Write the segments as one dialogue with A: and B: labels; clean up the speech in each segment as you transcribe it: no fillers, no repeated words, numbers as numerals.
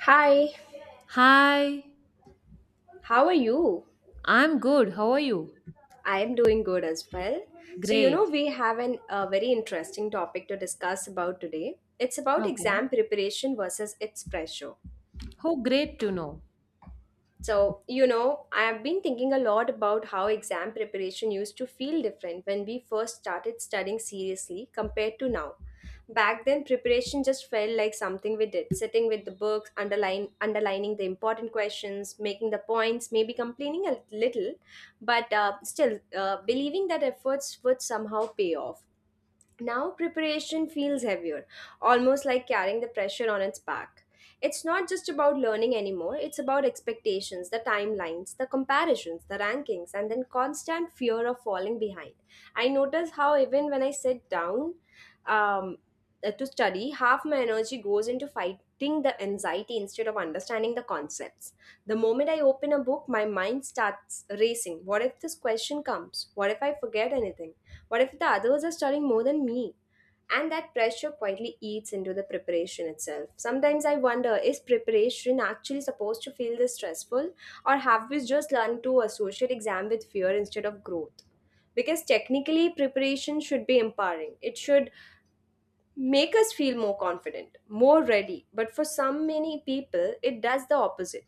A: Hi,
B: Hi,
A: how are you?
B: I'm good. How are you?
A: I am doing good as well. So, you know,
B: Great.
A: we have a very interesting topic to discuss about today. It's about
B: Okay.
A: exam preparation versus its pressure.
B: Oh, great to know.
A: So, you know, I have been thinking a lot about how exam preparation used to feel different when we first started studying seriously compared to now. Back then, preparation just felt like something we did, sitting with the books, underlining the important questions, making the points, maybe complaining a little, but still believing that efforts would somehow pay off. Now preparation feels heavier, almost like carrying the pressure on its back. It's not just about learning anymore, it's about expectations, the timelines, the comparisons, the rankings, and then constant fear of falling behind. I notice how even when I sit down um, to study, half my energy goes into fighting the anxiety instead of understanding the concepts. The moment I open a book, my mind starts racing. What if this question comes? What if I forget anything? What if the others are studying more than me? And that pressure quietly eats into the preparation itself. Sometimes I wonder, is preparation actually supposed to feel this stressful, or have we just learned to associate exam with fear instead of growth? Because technically, preparation should be empowering. It should make us feel more confident, more ready. But for some many people, it does the opposite.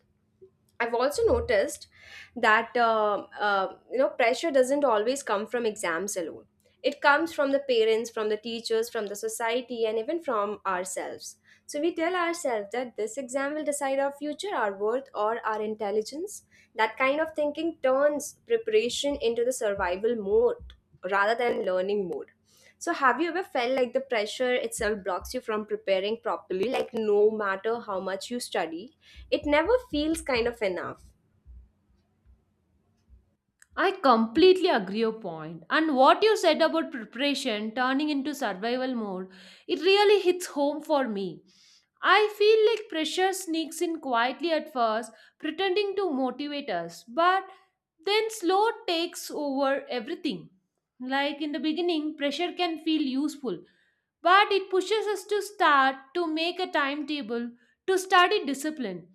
A: I've also noticed that you know, pressure doesn't always come from exams alone. It comes from the parents, from the teachers, from the society, and even from ourselves. So we tell ourselves that this exam will decide our future, our worth, or our intelligence. That kind of thinking turns preparation into the survival mode rather than learning mode. So, have you ever felt like the pressure itself blocks you from preparing properly? Like, no matter how much you study, it never feels kind of enough.
B: I completely agree your point. And what you said about preparation turning into survival mode, it really hits home for me. I feel like pressure sneaks in quietly at first, pretending to motivate us, but then slow takes over everything. Like in the beginning, pressure can feel useful, but it pushes us to start to make a timetable to study discipline,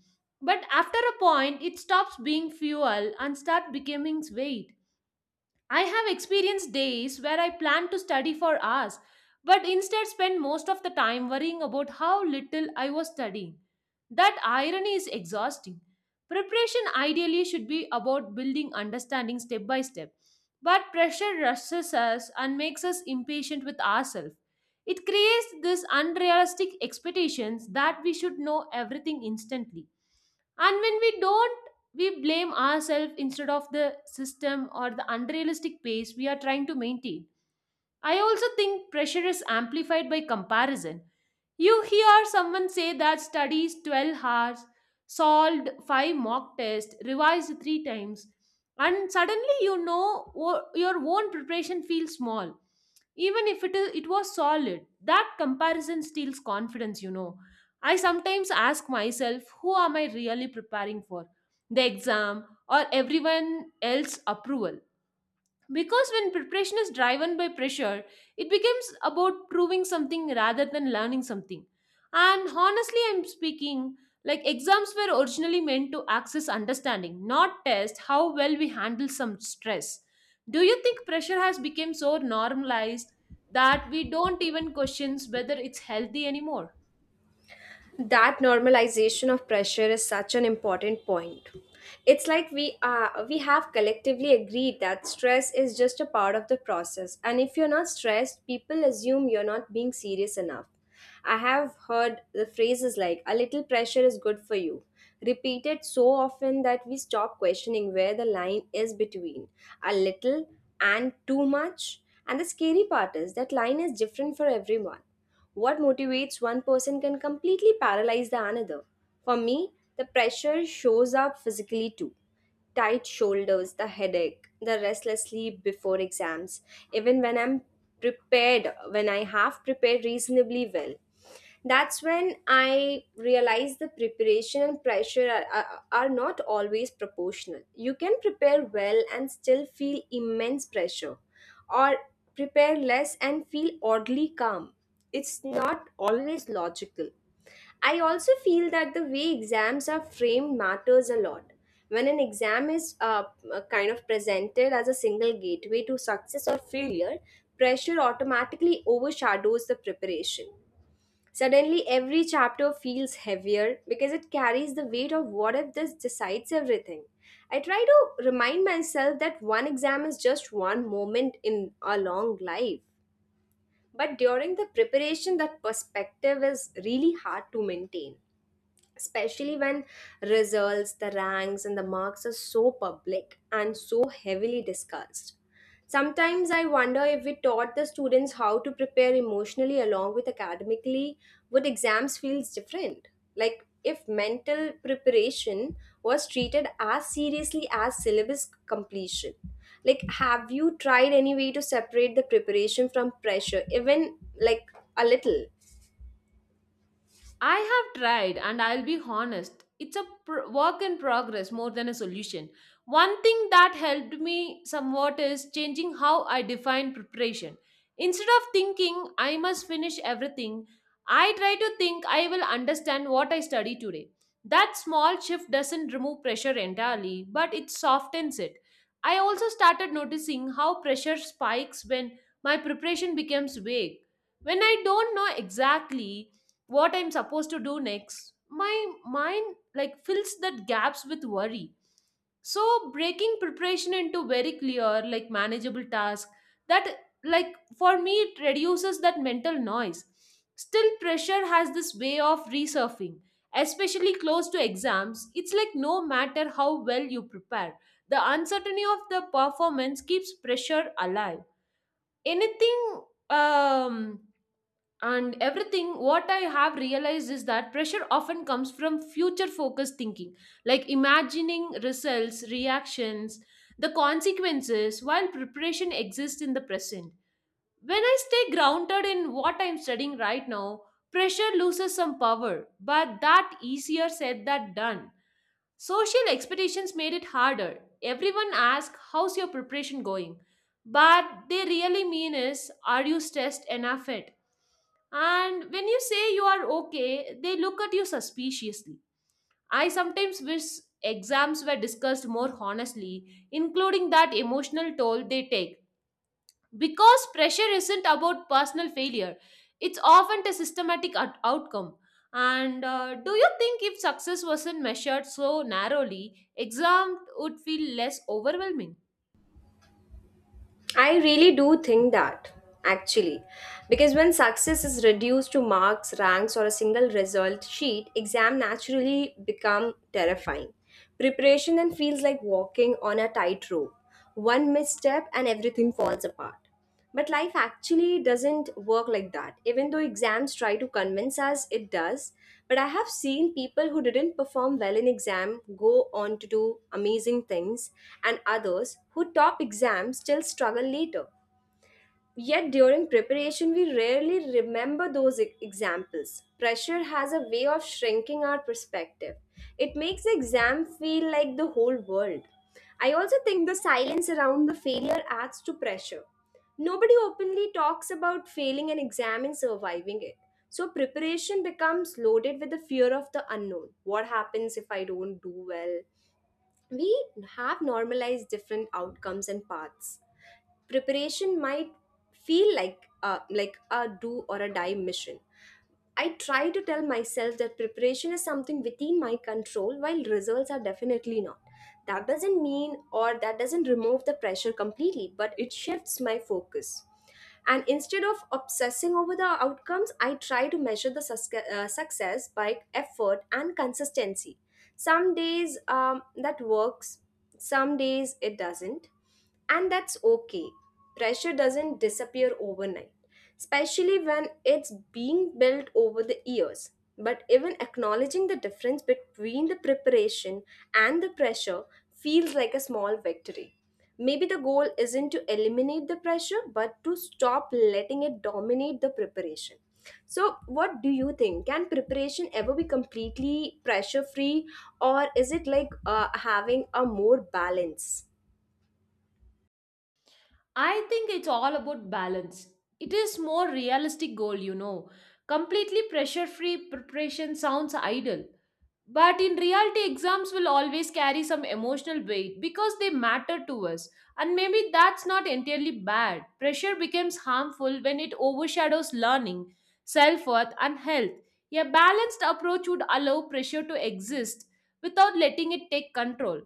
B: but after a point it stops being fuel and start becoming weight. I have experienced days where I planned to study for hours, but instead spent most of the time worrying about how little I was studying. That irony is exhausting. Preparation ideally should be about building understanding step by step, but pressure rushes us and makes us impatient with ourselves. It creates this unrealistic expectations that we should know everything instantly. And when we don't, we blame ourselves instead of the system or the unrealistic pace we are trying to maintain. I also think pressure is amplified by comparison. You hear someone say that studies 12 hours, solved 5 mock tests, revised 3 times, and suddenly your own preparation feels small. Even if it was solid, that comparison steals confidence, I sometimes ask myself, who am I really preparing for? The exam or everyone else approval? Because when preparation is driven by pressure, it becomes about proving something rather than learning something. And honestly, I'm speaking like exams were originally meant to access understanding, not test how well we handle some stress. Do you think pressure has become so normalized that we don't even question whether it's healthy anymore?
A: That normalization of pressure is such an important point. It's like we have collectively agreed that stress is just a part of the process, and if you're not stressed, people assume you're not being serious enough. I have heard the phrases like, a little pressure is good for you, repeated so often that we stop questioning where the line is between a little and too much. And the scary part is, that line is different for everyone. What motivates one person can completely paralyze the another. For me, the pressure shows up physically too, tight shoulders, the headache, the restless sleep before exams, even when I'm prepared, when I have prepared reasonably well. That's when I realized the preparation and pressure are not always proportional. You can prepare well and still feel immense pressure, or prepare less and feel oddly calm. It's not always logical. I also feel that the way exams are framed matters a lot. When an exam is kind of presented as a single gateway to success or failure, pressure automatically overshadows the preparation. Suddenly, every chapter feels heavier because it carries the weight of what if this decides everything. I try to remind myself that one exam is just one moment in a long life. But during the preparation, that perspective is really hard to maintain, especially when results, the ranks, and the marks are so public and so heavily discussed. Sometimes I wonder, if we taught the students how to prepare emotionally along with academically, would exams feel different? Like if mental preparation was treated as seriously as syllabus completion. Like, have you tried any way to separate the preparation from pressure, even like a little?
B: I have tried, and I'll be honest, it's a work in progress more than a solution. One thing that helped me somewhat is changing how I define preparation. Instead of thinking I must finish everything, I try to think I will understand what I study today. That small shift doesn't remove pressure entirely, but it softens it. I also started noticing how pressure spikes when my preparation becomes vague. When I don't know exactly what I'm supposed to do next, my mind like fills that gaps with worry, so breaking preparation into very clear like manageable task, that like for me it reduces that mental noise. Still pressure has this way of resurfing, especially close to exams. It's like no matter how well you prepare, the uncertainty of the performance keeps pressure alive. Anything um and everything what I have realized is that pressure often comes from future focused thinking, like imagining results reactions, the consequences, while preparation exists in the present. When I stay grounded in what I'm studying right now, pressure loses some power, but that easier said than done. Social expectations made it harder. Everyone asks how's your preparation going, but they really mean is are you stressed enough yet? And when you say you are okay, they look at you suspiciously. I sometimes wish exams were discussed more honestly, including that emotional toll they take. Because pressure isn't about personal failure, it's often a outcome. And do you think if success wasn't measured so narrowly, exam would feel less overwhelming?
A: I really do think that, actually. Because when success is reduced to marks, ranks, or a single result sheet, exam naturally become terrifying. Preparation then feels like walking on a tightrope. One misstep and everything falls apart. But life actually doesn't work like that. Even though exams try to convince us it does, but I have seen people who didn't perform well in exam go on to do amazing things, and others who top exams still struggle later. Yet during preparation, we rarely remember those examples. Pressure has a way of shrinking our perspective. It makes the exam feel like the whole world. I also think the silence around the failure adds to pressure. Nobody openly talks about failing an exam and surviving it. So preparation becomes loaded with the fear of the unknown. What happens if I don't do well? We have normalized different outcomes and paths. Preparation might feel like a do or a die mission. I try to tell myself that preparation is something within my control, while results are definitely not. That doesn't remove the pressure completely, but it shifts my focus. And instead of obsessing over the outcomes, I try to measure the success by effort and consistency. Some days that works, some days it doesn't, and that's okay. Pressure doesn't disappear overnight, especially when it's being built over the years. But even acknowledging the difference between the preparation and the pressure feels like a small victory. Maybe the goal isn't to eliminate the pressure, but to stop letting it dominate the preparation. So, what do you think? Can preparation ever be completely pressure free, or is it like having a more balance?
B: I think it's all about balance. It is more realistic goal, you know. Completely pressure free preparation sounds idle. But in reality, exams will always carry some emotional weight because they matter to us. And maybe that's not entirely bad. Pressure becomes harmful when it overshadows learning, self worth, and health. A balanced approach would allow pressure to exist without letting it take control.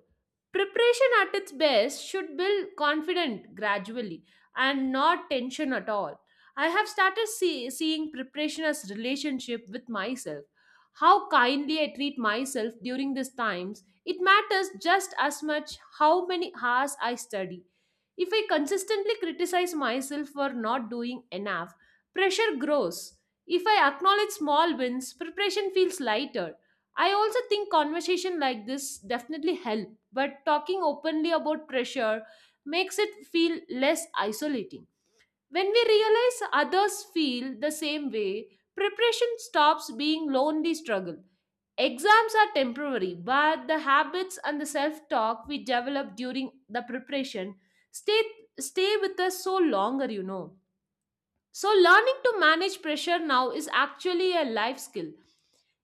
B: Preparation at its best should build confidence gradually and not tension at all. I have started seeing preparation as relationship with myself, how kindly I treat myself during these times. It matters just as much how many hours I study. If I consistently criticize myself for not doing enough, pressure grows. If I acknowledge small wins, preparation feels lighter. I also think conversation like this definitely help, but talking openly about pressure makes it feel less isolating. When we realize others feel the same way, preparation stops being lonely struggle. Exams are temporary, but the habits and the self-talk we develop during the preparation stay stay with us so longer, you know. So, learning to manage pressure now is actually a life skill.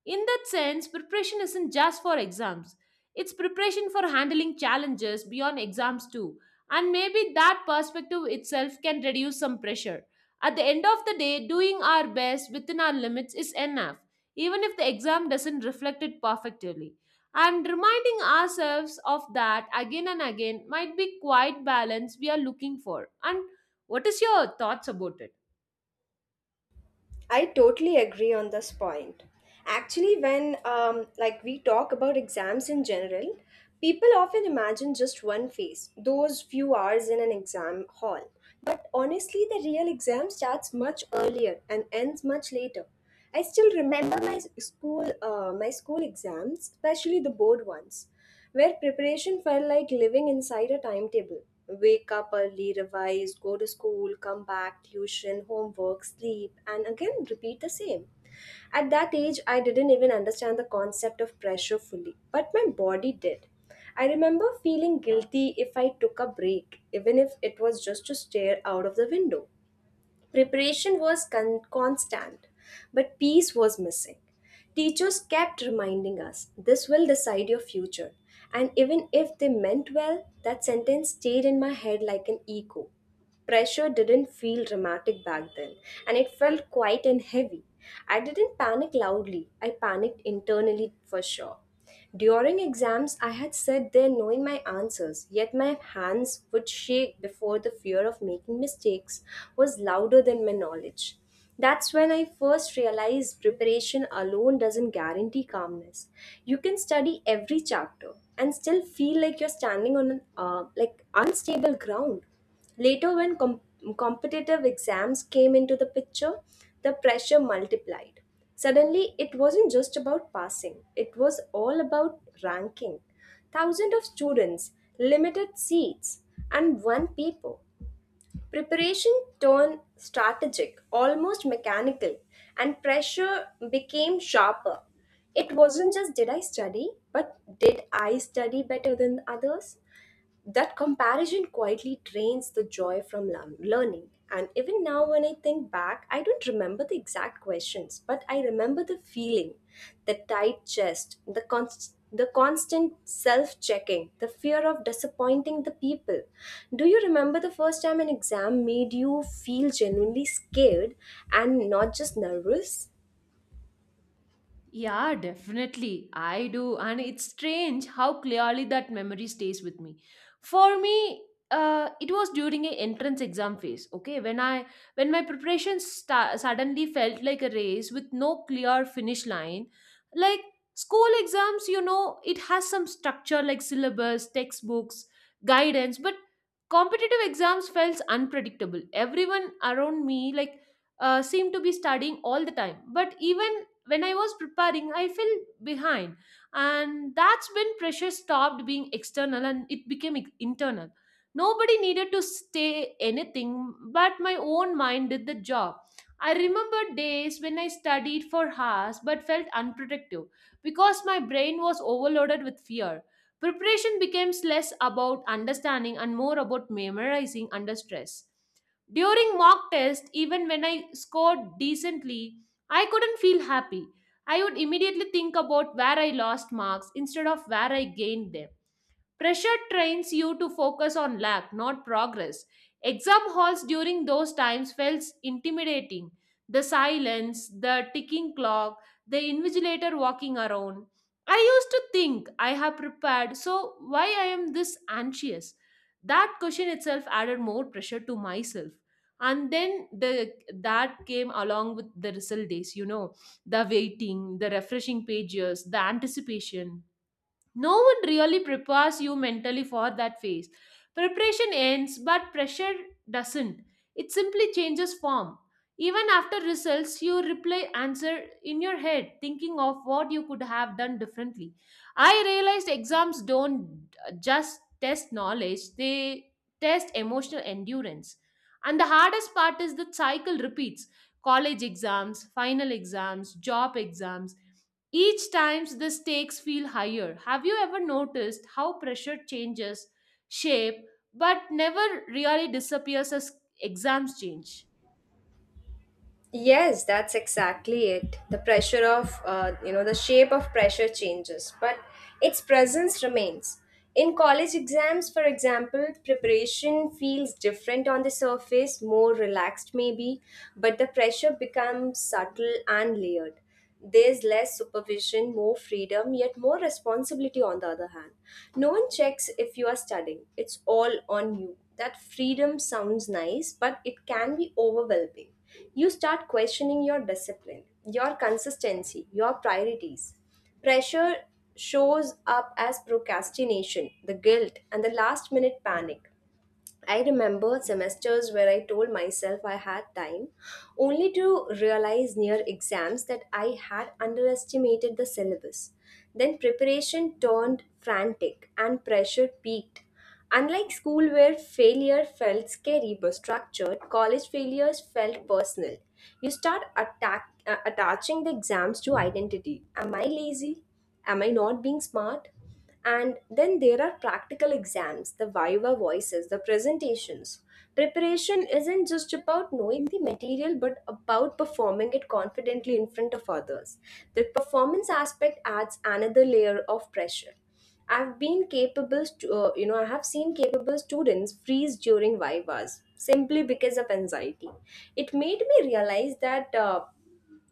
B: In that sense, preparation isn't just for exams, it's preparation for handling challenges beyond exams too. And maybe that perspective itself can reduce some pressure. At the end of the day, doing our best within our limits is enough, even if the exam doesn't reflect it perfectly. And reminding ourselves of that again and again might be quite balance we are looking for. And what is your thoughts about it?
A: I totally agree on this point. Actually, when like we talk about exams in general, people often imagine just one phase, those few hours in an exam hall. But honestly, the real exam starts much earlier and ends much later. I still remember my s- school my school exams, especially the board ones, where preparation felt like living inside a timetable. Wake up early, revise, go to school, come back, tuition, homework, sleep, and again repeat the same. At that age, I didn't even understand the concept of pressure fully, but my body did. I remember feeling guilty if I took a break, even if it was just to stare out of the window. Preparation was constant, but peace was missing. Teachers kept reminding us, "This will decide your future." And even if they meant well, that sentence stayed in my head like an echo. Pressure didn't feel dramatic back then, and it felt quiet and heavy. I didn't panic loudly, I panicked internally for sure. During exams, I had sat there knowing my answers, yet my hands would shake before the fear of making mistakes was louder than my knowledge. That's when I first realized preparation alone doesn't guarantee calmness. You can study every chapter and still feel like you're standing on an like unstable ground. Later, when competitive exams came into the picture, the pressure multiplied. Suddenly, it wasn't just about passing, it was all about ranking. Thousands of students, limited seats, and one paper. Preparation turned strategic, almost mechanical, and pressure became sharper. It wasn't just, did I study, but did I study better than others? That comparison quietly drains the joy from learning. And even now, when I think back, I don't remember the exact questions, but I remember the feeling, the tight chest, the constant self checking, the fear of disappointing the people. Do you remember the first time an exam made you feel genuinely scared and not just nervous?
B: Yeah, definitely. I do. And it's strange how clearly that memory stays with me. For me, it was during a entrance exam phase, okay, when I when my preparation suddenly felt like a race with no clear finish line. Like school exams, you know, it has some structure like syllabus, textbooks, guidance, but competitive exams felt unpredictable. Everyone around me seemed to be studying all the time, but even when I was preparing, I fell behind. And that's when pressure stopped being external and it became internal. Nobody needed to say anything, but my own mind did the job. I remember days when I studied for hours but felt unproductive because my brain was overloaded with fear. Preparation becomes less about understanding and more about memorizing under stress. During mock test, even when I scored decently, I couldn't feel happy. I would immediately think about where I lost marks instead of where I gained them. Pressure trains you to focus on lack, not progress. Exam halls during those times felt intimidating. The silence, the ticking clock, the invigilator walking around. I used to think I have prepared, so why I am this anxious? That question itself added more pressure to myself. And then the that came along with the result days, you know, the waiting, the refreshing pages, the anticipation. No one really prepares you mentally for that phase. Preparation ends, but pressure doesn't. It simply changes form. Even after results, you replay answer in your head, thinking of what you could have done differently. I realized exams don't just test knowledge, they test emotional endurance. And the hardest part is the cycle repeats college exams, final exams, job exams. Each time the stakes feel higher. Have you ever noticed how pressure changes shape but never really disappears as exams change?
A: Yes, that's exactly it. The pressure of, you know, the shape of pressure changes, but its presence remains. In college exams, for example, preparation feels different on the surface, more relaxed maybe, but the pressure becomes subtle and layered. There's less supervision, more freedom, yet more responsibility on the other hand. No one checks if you are studying, it's all on you. That freedom sounds nice, but it can be overwhelming. You start questioning your discipline, your consistency, your priorities. Pressure shows up as procrastination, the guilt, and the last minute panic. I remember semesters where I told myself I had time, only to realize near exams that I had underestimated the syllabus. Then preparation turned frantic and pressure peaked. Unlike school, where failure felt scary but structured, college failures felt personal. You start attaching the exams to identity. Am I lazy? Am I not being smart? And then there are practical exams, the viva voices, the presentations. Preparation isn't just about knowing the material but about performing it confidently in front of others. The performance aspect adds another layer of pressure. I've been capable, stu- you know, I have seen capable students freeze during vivas simply because of anxiety. It made me realize that.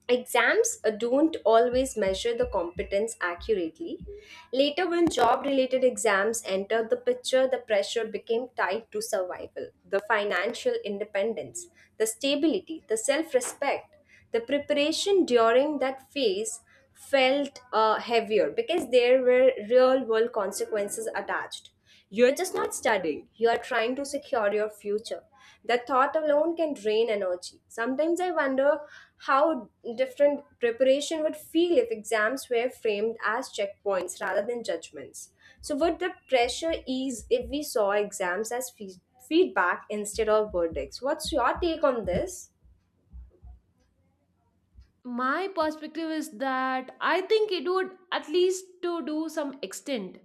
A: Exams don't always measure the competence accurately. Later, when job related exams entered the picture, the pressure became tied to survival, the financial independence, the stability, the self respect. The preparation during that phase felt heavier because there were real world consequences attached. You're just not studying, you are trying to secure your future. That thought alone can drain energy. Sometimes I wonder how different preparation would feel if exams were framed as checkpoints rather than judgments. So, would the pressure ease if we saw exams as feedback instead of verdicts? What's your take on this?
B: My perspective is that I think it would at least to do some extent.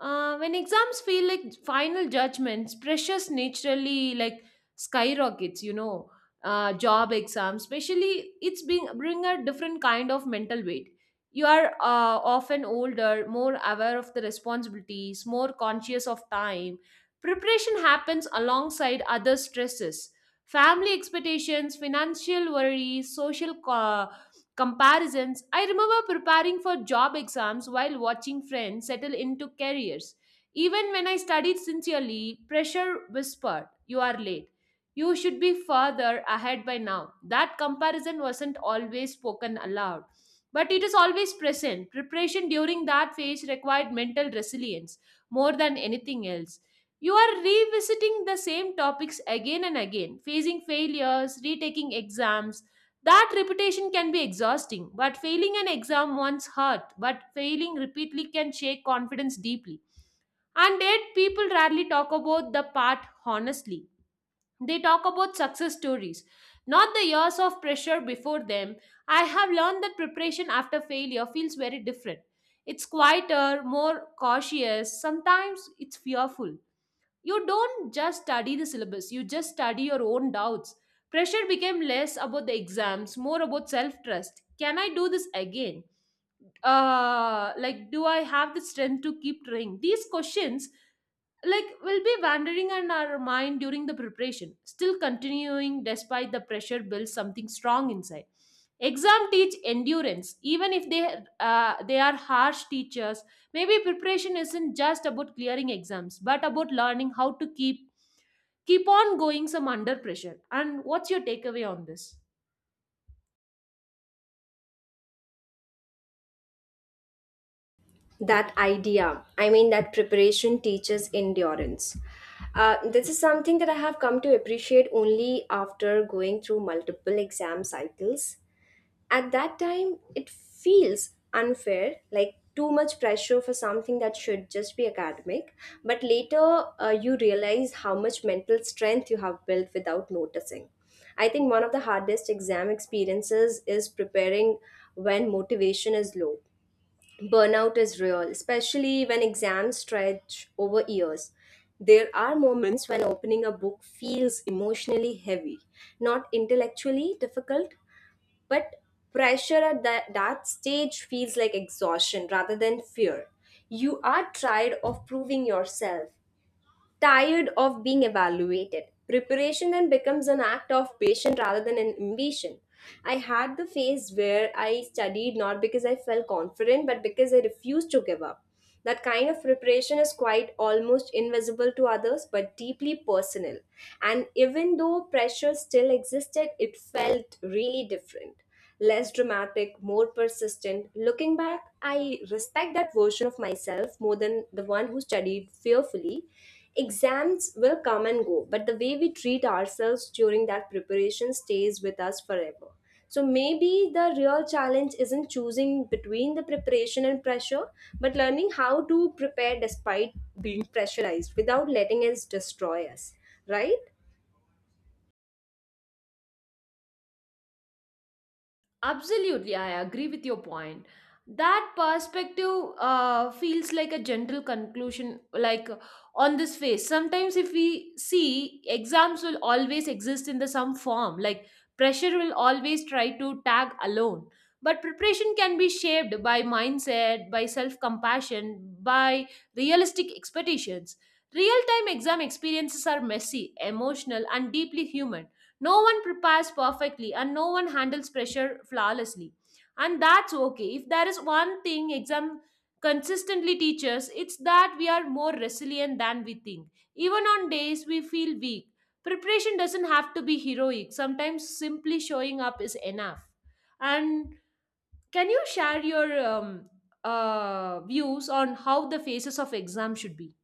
B: When exams feel like final judgments, pressures naturally like skyrockets, you know. Job exams especially it's being bring a different kind of mental weight. You are often older, more aware of the responsibilities, more conscious of time. Preparation happens alongside other stresses, family expectations, financial worries, social comparisons. I remember preparing for job exams while watching friends settle into careers. Even when I studied sincerely, pressure whispered, you are late. You should be further ahead by now. That comparison wasn't always spoken aloud, but it is always present. Preparation during that phase required mental resilience more than anything else. You are revisiting the same topics again and again, facing failures, retaking exams, that repetition can be exhausting, but failing an exam once hurt, but failing repeatedly can shake confidence deeply. And yet, people rarely talk about the part honestly. They talk about success stories, not the years of pressure before them. I have learned that preparation after failure feels very different. It's quieter, more cautious, sometimes it's fearful. You don't just study the syllabus, you just study your own doubts. Pressure became less about the exams, more about self trust. Can I do this again? Uh, like do I have the strength to keep trying these questions, like will be wandering in our mind during the preparation, still continuing despite the pressure builds something strong inside. Exam teach endurance even if they are harsh teachers. Maybe preparation isn't just about clearing exams but about learning how to keep on going some under pressure. And what's your takeaway on this?
A: That idea, that preparation teaches endurance. This is something that I have come to appreciate only after going through multiple exam cycles. At that time it feels unfair, like too much pressure for something that should just be academic, but later, you realize how much mental strength you have built without noticing. I think one of the hardest exam experiences is preparing when motivation is low. Burnout is real, especially when exams stretch over years. There are moments when opening a book feels emotionally heavy, not intellectually difficult, but pressure at that stage feels like exhaustion rather than fear. You are tired of proving yourself, tired of being evaluated. Preparation then becomes an act of patience rather than an ambition. I had the phase where I studied not because I felt confident, but because I refused to give up. That kind of preparation is quite almost invisible to others, but deeply personal. And even though pressure still existed, it felt really different, less dramatic, more persistent. Looking back, I respect that version of myself more than the one who studied fearfully. Exams will come and go, but the way we treat ourselves during that preparation stays with us forever. So maybe the real challenge isn't choosing between the preparation and pressure, but learning how to prepare despite being pressurized without letting it destroy us, right?
B: Absolutely, I agree with your point. That perspective feels like a gentle conclusion, like on this face. Sometimes, if we see, exams will always exist in the some form, like pressure will always try to tag alone. But preparation can be shaped by mindset, by self compassion, by realistic expectations. Real time exam experiences are messy, emotional, and deeply human. No one prepares perfectly and no one handles pressure flawlessly. And that's okay. If there is one thing exam consistently teaches, it's that we are more resilient than we think. Even on days we feel weak, preparation doesn't have to be heroic. Sometimes simply showing up is enough. And can you share your views on how the phases of exam should be?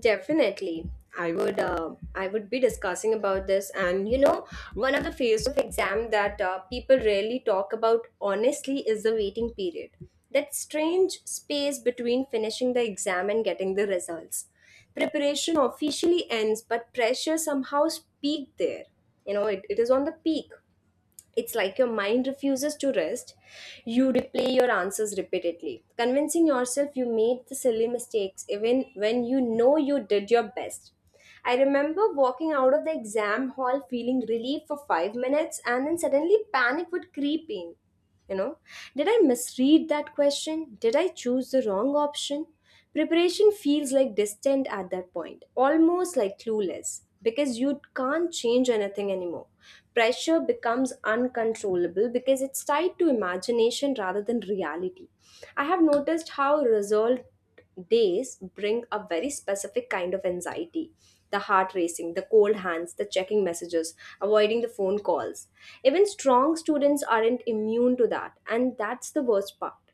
A: Definitely. I would be discussing about this and you know One of the phase of exam that people rarely talk about honestly is the waiting period. That strange space between finishing the exam and getting the results. Preparation officially ends but pressure somehow peaked there. You know, it is on the peak. It's like your mind refuses to rest. You replay your answers repeatedly, convincing yourself you made the silly mistakes even when you know you did your best. I remember walking out of the exam hall feeling relief for 5 minutes and then suddenly panic would creep in. You know, did I misread that question? Did I choose the wrong option? Preparation feels like distant at that point, almost like clueless, because you can't change anything anymore. Pressure becomes uncontrollable because it's tied to imagination rather than reality. I have noticed how resolved days bring a very specific kind of anxiety, the heart racing, the cold hands, the checking messages, avoiding the phone calls. Even strong students aren't immune to that, and that's the worst part.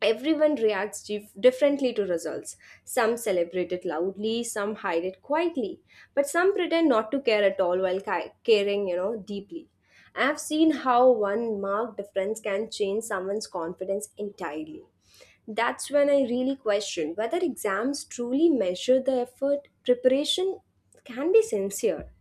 A: Everyone reacts differently to results. Some celebrate it loudly, some hide it quietly, but some pretend not to care at all while caring, you know, deeply. I've seen how one mark difference can change someone's confidence entirely. That's when I really question whether exams truly measure the effort. Preparation can be sincere,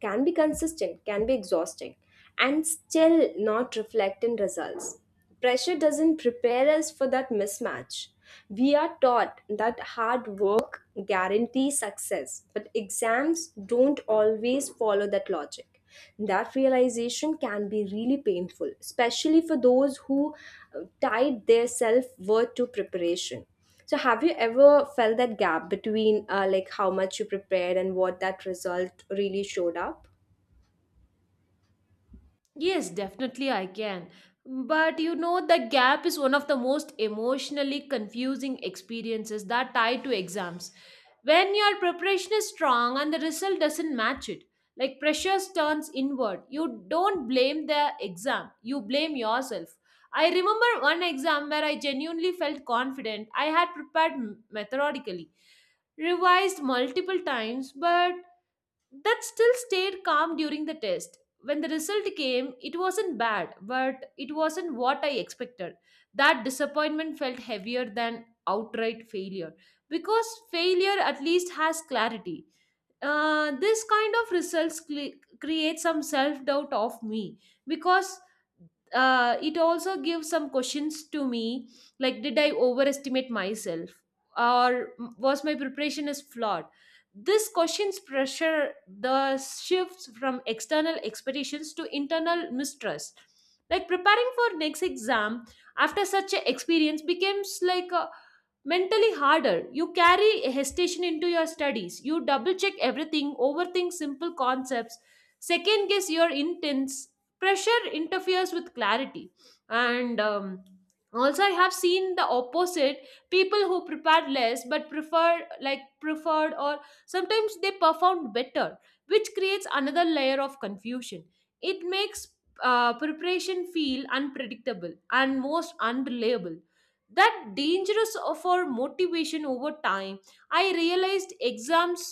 A: can be consistent, can be exhausting, and still not reflect in results. Pressure doesn't prepare us for that mismatch. We are taught that hard work guarantees success, but exams don't always follow that logic. That realization can be really painful, especially for those who tied their self worth to preparation. So, have you ever felt that gap between like how much you prepared and what that result really showed up?
B: Yes, definitely I can. But you know, the gap is one of the most emotionally confusing experiences that tie to exams. When your preparation is strong and the result doesn't match it, like pressure turns inward, you don't blame the exam, you blame yourself. I remember one exam where I genuinely felt confident. I had methodically, revised multiple times, but that still stayed calm during the test. When the result came, it wasn't bad, but it wasn't what I expected. That disappointment felt heavier than outright failure because failure at least has clarity. This kind of results cle create some self doubt of me because it also gives some questions to me like did I overestimate myself or was my preparation is flawed this questions pressure the shifts from external expectations to internal mistrust like preparing for next exam after such an experience becomes like a mentally harder. You carry hesitation into your studies. You double check everything, overthink simple concepts, second guess your intents. Pressure interferes with clarity. And Also, I have seen the opposite people who prepare less but prefer, like, preferred or sometimes they performed better, which creates another layer of confusion. It makes preparation feel unpredictable and most unreliable that dangerous for motivation over time I realized exams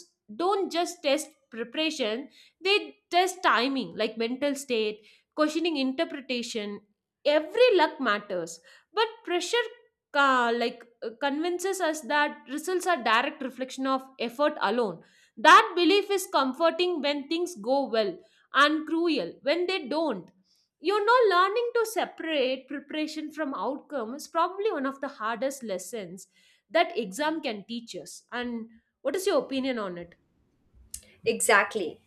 B: don't just test preparation they test timing like mental state questioning interpretation every luck matters but pressure convinces us that results are direct reflection of effort alone that belief is comforting when things go well and cruel when they don't you know learning to separate preparation from outcome is probably one of the hardest lessons that exam can teach us and what is your opinion on it?
A: Exactly.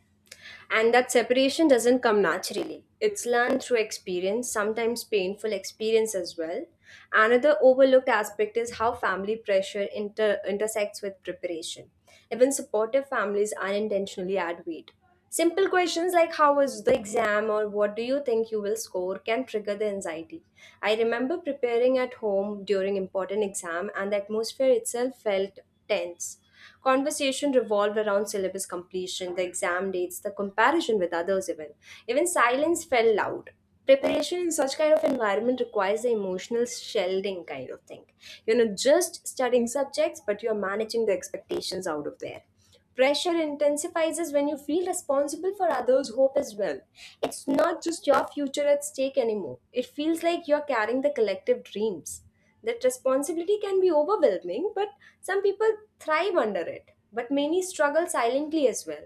A: And that separation doesn't come naturally. It's learned through experience, sometimes painful experience as well. Another overlooked aspect is how family pressure intersects with preparation. Even supportive families unintentionally add weight. Simple questions like how was the exam or what do you think you will score can trigger the anxiety. I remember preparing at home during important exam and the atmosphere itself felt tense. Conversation revolved around syllabus completion, the exam dates, the comparison with others, even. Even silence felt loud. Preparation in such kind of environment requires the emotional shielding kind of thing. You're not just studying subjects, but you're managing the expectations out of there. Pressure intensifies when you feel responsible for others' hope as well. It's not just your future at stake anymore. It feels like you're carrying the collective dreams. That responsibility can be overwhelming, but some people thrive under it. But many struggle silently as well.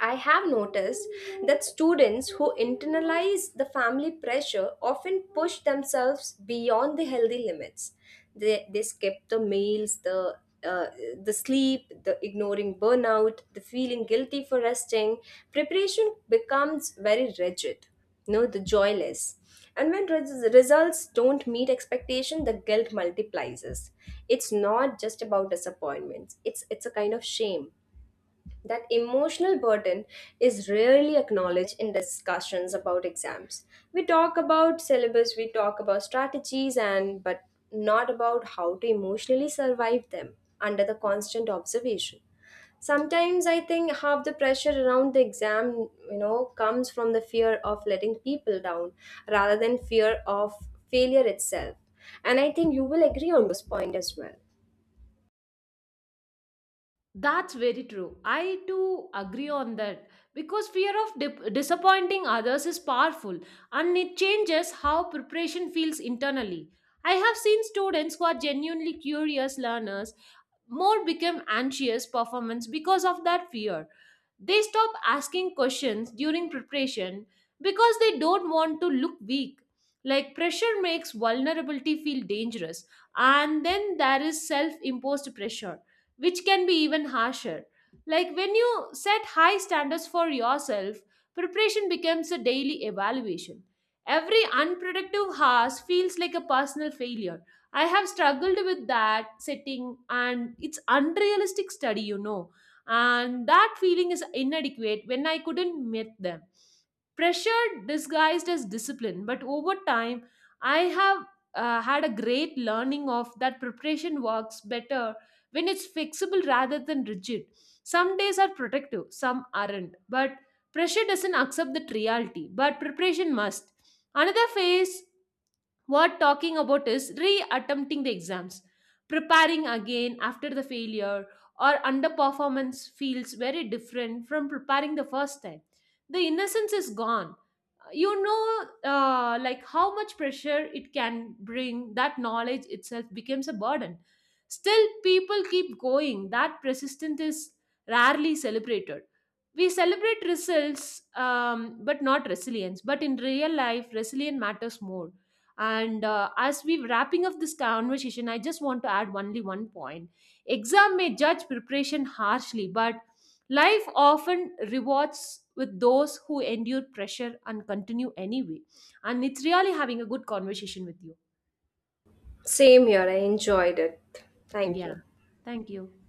A: I have noticed that students who internalize the family pressure often push themselves beyond the healthy limits. They skip the meals, uh, the sleep, the ignoring burnout, the feeling guilty for resting, preparation becomes very rigid. No, the joyless. And when results don't meet expectation, the guilt multiplies. It's not just about disappointments. It's a kind of shame. That emotional burden is rarely acknowledged in discussions about exams. We talk about syllabus, we talk about strategies and but not about how to emotionally survive them under the constant observation. Sometimes I think half the pressure around the exam, you know, comes from the fear of letting people down rather than fear of failure itself. And I think you will agree on this point as well.
B: That's very true. I too agree on that because fear of disappointing others is powerful and it changes how preparation feels internally. I have seen students who are genuinely curious learners more become anxious performance because of that fear. They stop asking questions during preparation because they don't want to look weak. Like pressure makes vulnerability feel dangerous, and then there is self imposed pressure which can be even harsher. Like when you set high standards for yourself, preparation becomes a daily evaluation. Every unproductive hours feels like a personal failure. I have struggled with that setting and it's unrealistic study, you know. And that feeling is inadequate when I couldn't meet them. Pressure disguised as discipline, but over time, I have had a great learning of that preparation works better when it's fixable rather than rigid. Some days are protective, some aren't. But pressure doesn't accept that reality, but preparation must. Another phase worth talking about is re-attempting the exams preparing again after the failure or underperformance feels very different from preparing the first time the innocence is gone you know like how much pressure it can bring that knowledge itself becomes a burden. Still, people keep going. That persistence is rarely celebrated. We celebrate results, but not resilience. But in real life, resilience matters more. And as we're wrapping up this conversation, I just want to add only one point. Exam may judge preparation harshly, but life often rewards with those who endure pressure and continue anyway. And it's really having a good conversation with you.
A: Same here, I enjoyed it. Thank
B: Yeah,
A: you.
B: thank you.